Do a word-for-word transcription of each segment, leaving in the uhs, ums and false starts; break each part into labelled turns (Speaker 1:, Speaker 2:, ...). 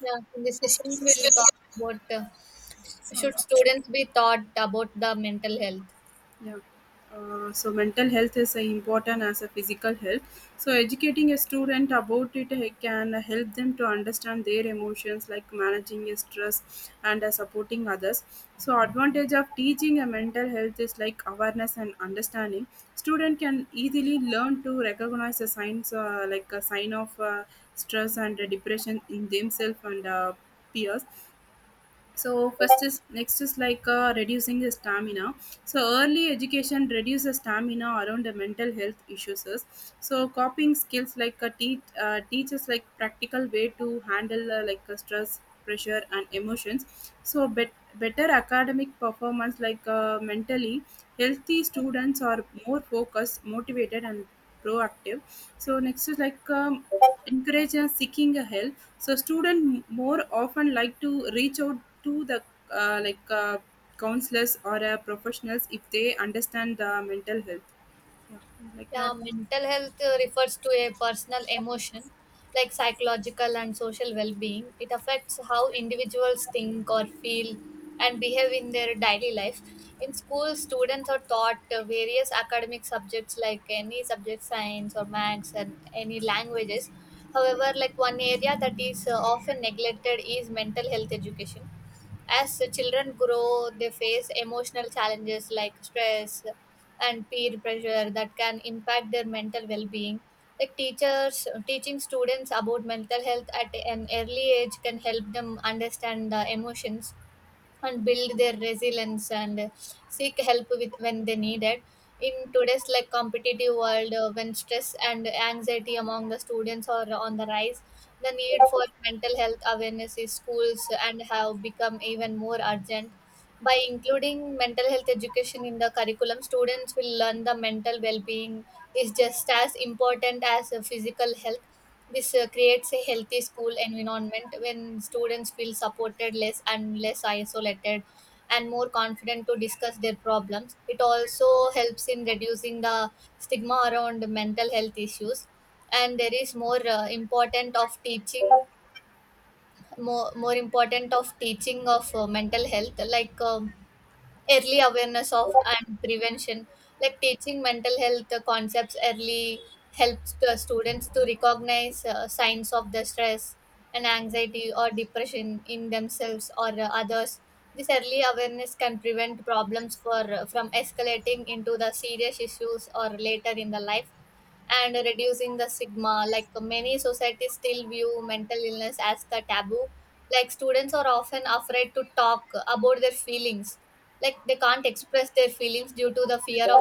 Speaker 1: Yeah, in this session, we'll talk about uh,
Speaker 2: So,
Speaker 1: should students be taught about the mental health.
Speaker 2: yeah. Uh, so mental health is uh, important as a physical health. So educating a student about it uh, can help them to understand their emotions, like managing a stress and uh, supporting others. So advantage of teaching a mental health is like awareness and understanding. Student can easily learn to recognize the signs, uh, like a sign of uh, stress and uh, depression in themselves and uh, peers. So first is next is like uh, reducing the stamina. So early education reduces stamina around the mental health issues is. So coping skills, like a teach uh, teaches like practical way to handle uh, like uh, stress, pressure and emotions. So bet- better academic performance, like uh, mentally healthy students are more focused, motivated and proactive. So next is like um, Encourage uh, seeking a help. So students more often like to reach out to the uh, like uh, counselors or uh, professionals if they understand the mental health. Yeah, like
Speaker 1: Yeah,
Speaker 2: that.
Speaker 1: mental health uh, refers to a personal emotion, like psychological and social well being. It affects how individuals think or feel and behave in their daily life. In school, students are taught uh, various academic subjects like any subject, science or maths, and any languages. However, like one area that is uh, often neglected is mental health education. As the children grow, they face emotional challenges like stress and peer pressure that can impact their mental well-being. Like, teachers teaching students about mental health at an early age can help them understand the emotions and build their resilience and seek help with when they need it. In today's like competitive world, uh, when stress and anxiety among the students are on the rise, the need for mental health awareness in schools and have become even more urgent. By including mental health education in the curriculum, students will learn the mental well-being is just as important as the physical health. This uh, creates a healthy school environment when students feel supported, less and less isolated, and more confident to discuss their problems. It also helps in reducing the stigma around mental health issues. And there is more uh, important of teaching, more, more important of teaching of uh, mental health, like, um, early awareness of and prevention. Like teaching mental health concepts early helps the students to recognize uh, signs of the stress and anxiety or depression in themselves or uh, others. This early awareness can prevent problems for uh, from escalating into the serious issues or later in the life, and reducing the stigma. Like many societies still view mental illness as the taboo. Like, students are often afraid to talk about their feelings. Like, they can't express their feelings due to the fear of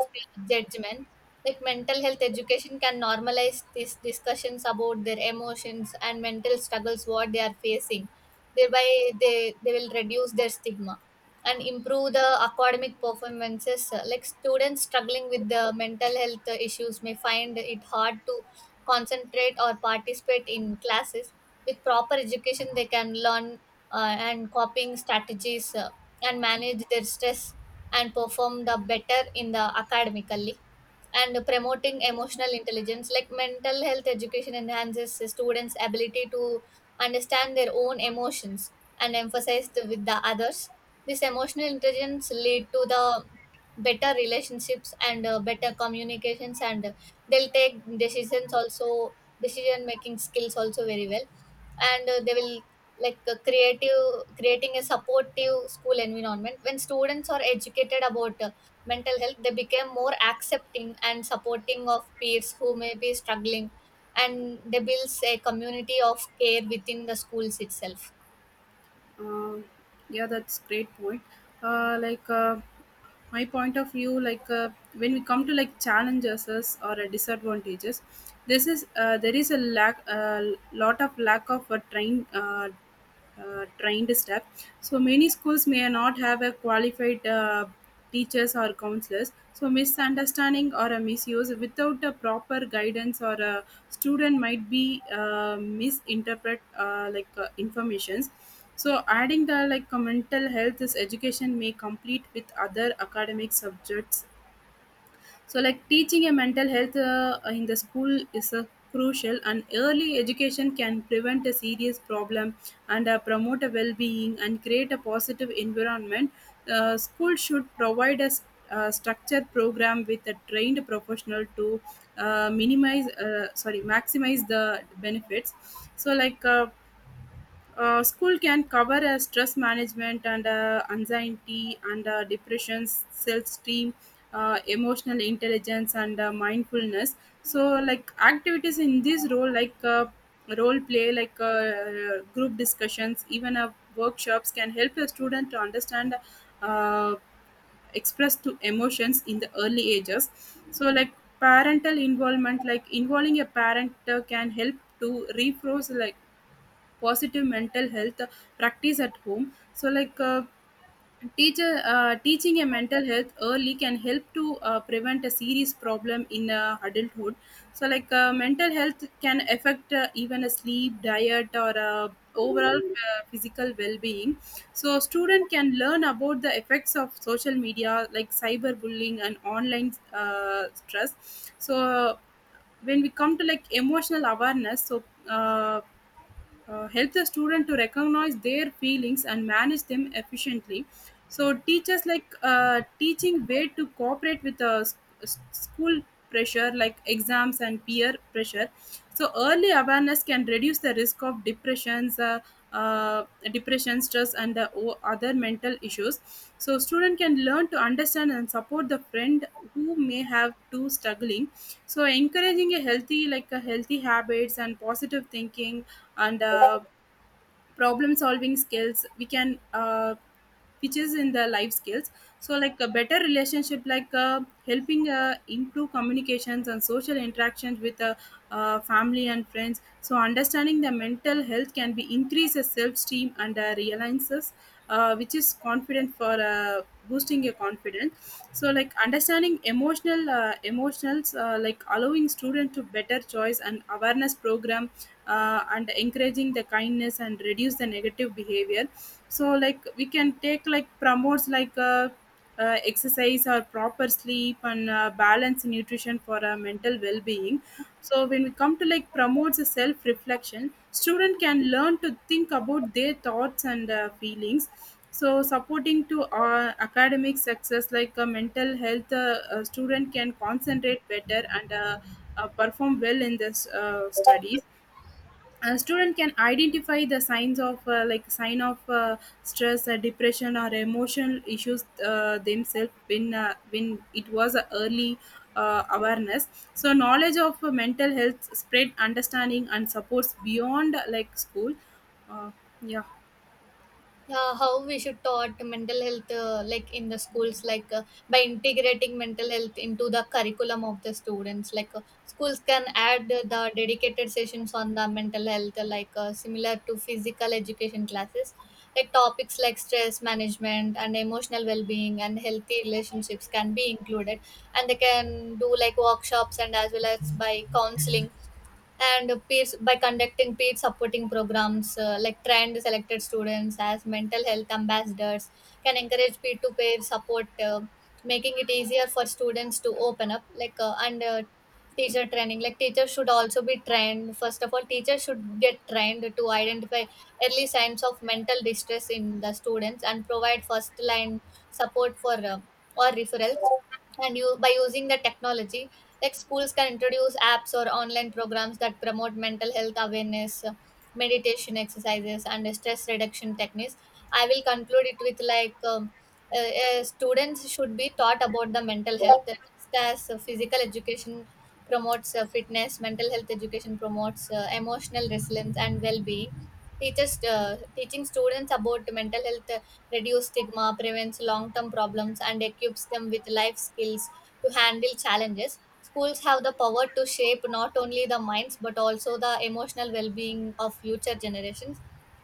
Speaker 1: judgment. Like, mental health education can normalize these discussions about their emotions and mental struggles what they are facing. Thereby they, they will reduce their stigma and improve the academic performances. Uh, like, students struggling with the mental health uh, issues may find it hard to concentrate or participate in classes. With proper education, they can learn uh, and coping strategies, uh, and manage their stress and perform the better in the academically, and promoting emotional intelligence. Like, mental health education enhances students ability to understand their own emotions and emphasize the, with the others. This emotional intelligence lead to the better relationships and uh, better communications, and uh, they'll take decisions also, decision making skills also very well. And uh, they will like uh, creative, creating a supportive school environment. When students are educated about uh, mental health, they become more accepting and supporting of peers who may be struggling, and they builds a community of care within the schools itself.
Speaker 2: Um, yeah that's great point. uh, like uh, my point of view, like uh, when we come to like challenges or uh, disadvantages, this is uh, there is a lack, a lot of lack of uh, trained uh, uh, trained staff. So many schools may not have a qualified uh, teachers or counselors. So misunderstanding or a misuse without a proper guidance, or a student might be uh, misinterpret uh, like uh, informations. So adding the like uh, mental health is education may complete with other academic subjects. So like teaching a mental health uh, in the school is uh, crucial, and early education can prevent a serious problem and uh, promote a well-being and create a positive environment. Uh, school should provide a uh, structured program with a trained professional to uh, minimize uh, sorry maximize the benefits. so like uh, uh, School can cover uh, stress management and uh, anxiety and uh, depression, self-esteem, uh, emotional intelligence and uh, mindfulness. So like activities in this role, like uh, role play, like uh, uh, group discussions, even uh, workshops can help a student to understand uh, express to emotions in the early ages. So like parental involvement, like involving a parent uh, can help to refroze like positive mental health practice at home. So like uh, teacher uh, teaching a mental health early can help to uh, prevent a serious problem in uh, adulthood. So like uh, mental health can affect uh, even a sleep diet or uh, overall uh, physical well-being. So a student can learn about the effects of social media, like cyberbullying and online uh, stress. So uh, when we come to like emotional awareness, so uh, uh, help the student to recognize their feelings and manage them efficiently. So teachers like uh, teaching way to cooperate with uh, s- s- school pressure like exams and peer pressure. So early awareness can reduce the risk of depressions, uh, uh, depression, stress and uh, o- other mental issues. So student can learn to understand and support the friend who may have too struggling. So encouraging a healthy, like a healthy habits and positive thinking and uh, problem solving skills, we can uh, which is in the life skills. So like a better relationship, like uh, helping uh, improve communications and social interactions with uh, uh, family and friends. So understanding the mental health can be increases self-esteem and uh, realizes uh, which is confident for uh, boosting your confidence. So like understanding emotional uh, emotionals uh, like allowing student to better choice and awareness program, uh, and encouraging the kindness and reduce the negative behavior. So like we can take like promotes like uh, uh, exercise or proper sleep and uh, balance nutrition for uh, mental well-being. So when we come to like promotes a self reflection, student can learn to think about their thoughts and uh, feelings. So supporting to uh, academic success, like uh, mental health uh, a student can concentrate better and uh, uh, perform well in this uh, studies. A student can identify the signs of uh, like sign of uh, stress, uh, depression or emotional issues uh, themselves when uh, when it was a early uh, awareness. So knowledge of uh, mental health spread understanding and supports beyond uh, like school. uh, yeah
Speaker 1: Yeah, how we should taught mental health uh, like in the schools, like, uh, by integrating mental health into the curriculum of the students. Like, uh, schools can add the dedicated sessions on the mental health, uh, like, uh, similar to physical education classes. Like topics like stress management and emotional well-being and healthy relationships can be included, and they can do like workshops and as well as by counseling and peers, by conducting peer supporting programs. Uh, like, trained selected students as mental health ambassadors can encourage peer-to-peer support, uh, making it easier for students to open up, like, uh, and uh, teacher training. Like teachers should also be trained, first of all teachers should get trained to identify early signs of mental distress in the students and provide first line support for, uh, or referrals. And you, by using the technology, like schools can introduce apps or online programs that promote mental health awareness, uh, meditation exercises and stress reduction techniques. I will conclude it with like, um, uh, uh, students should be taught about the mental health, just as uh, physical education promotes uh, fitness, mental health education promotes uh, emotional resilience and well-being. Teachers uh, teaching students about mental health uh, reduce stigma, prevents long term problems, and equips them with life skills to handle challenges. Schools have the power to shape not only the minds but also the emotional well being of future generations.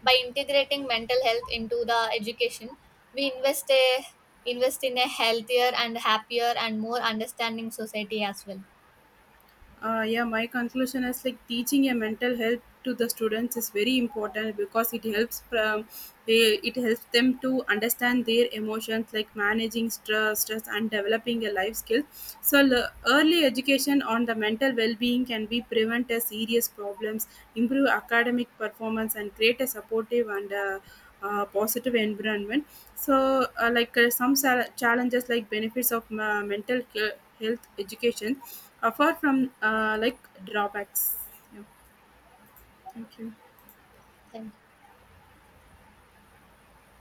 Speaker 1: By integrating mental health into the education, we invest a, invest in a healthier and happier and more understanding society as well.
Speaker 2: uh, yeah, my conclusion is like teaching a mental health to the students is very important because it helps um, they, it helps them to understand their emotions, like managing stress, stress and developing a life skill. So l- early education on the mental well-being can be prevent a serious problems, improve academic performance and create a supportive and uh, uh, positive environment. So uh, like uh, some sal- challenges like benefits of uh, mental he- health education, apart from uh, like drawbacks. Yeah, thank you.
Speaker 1: Thank you.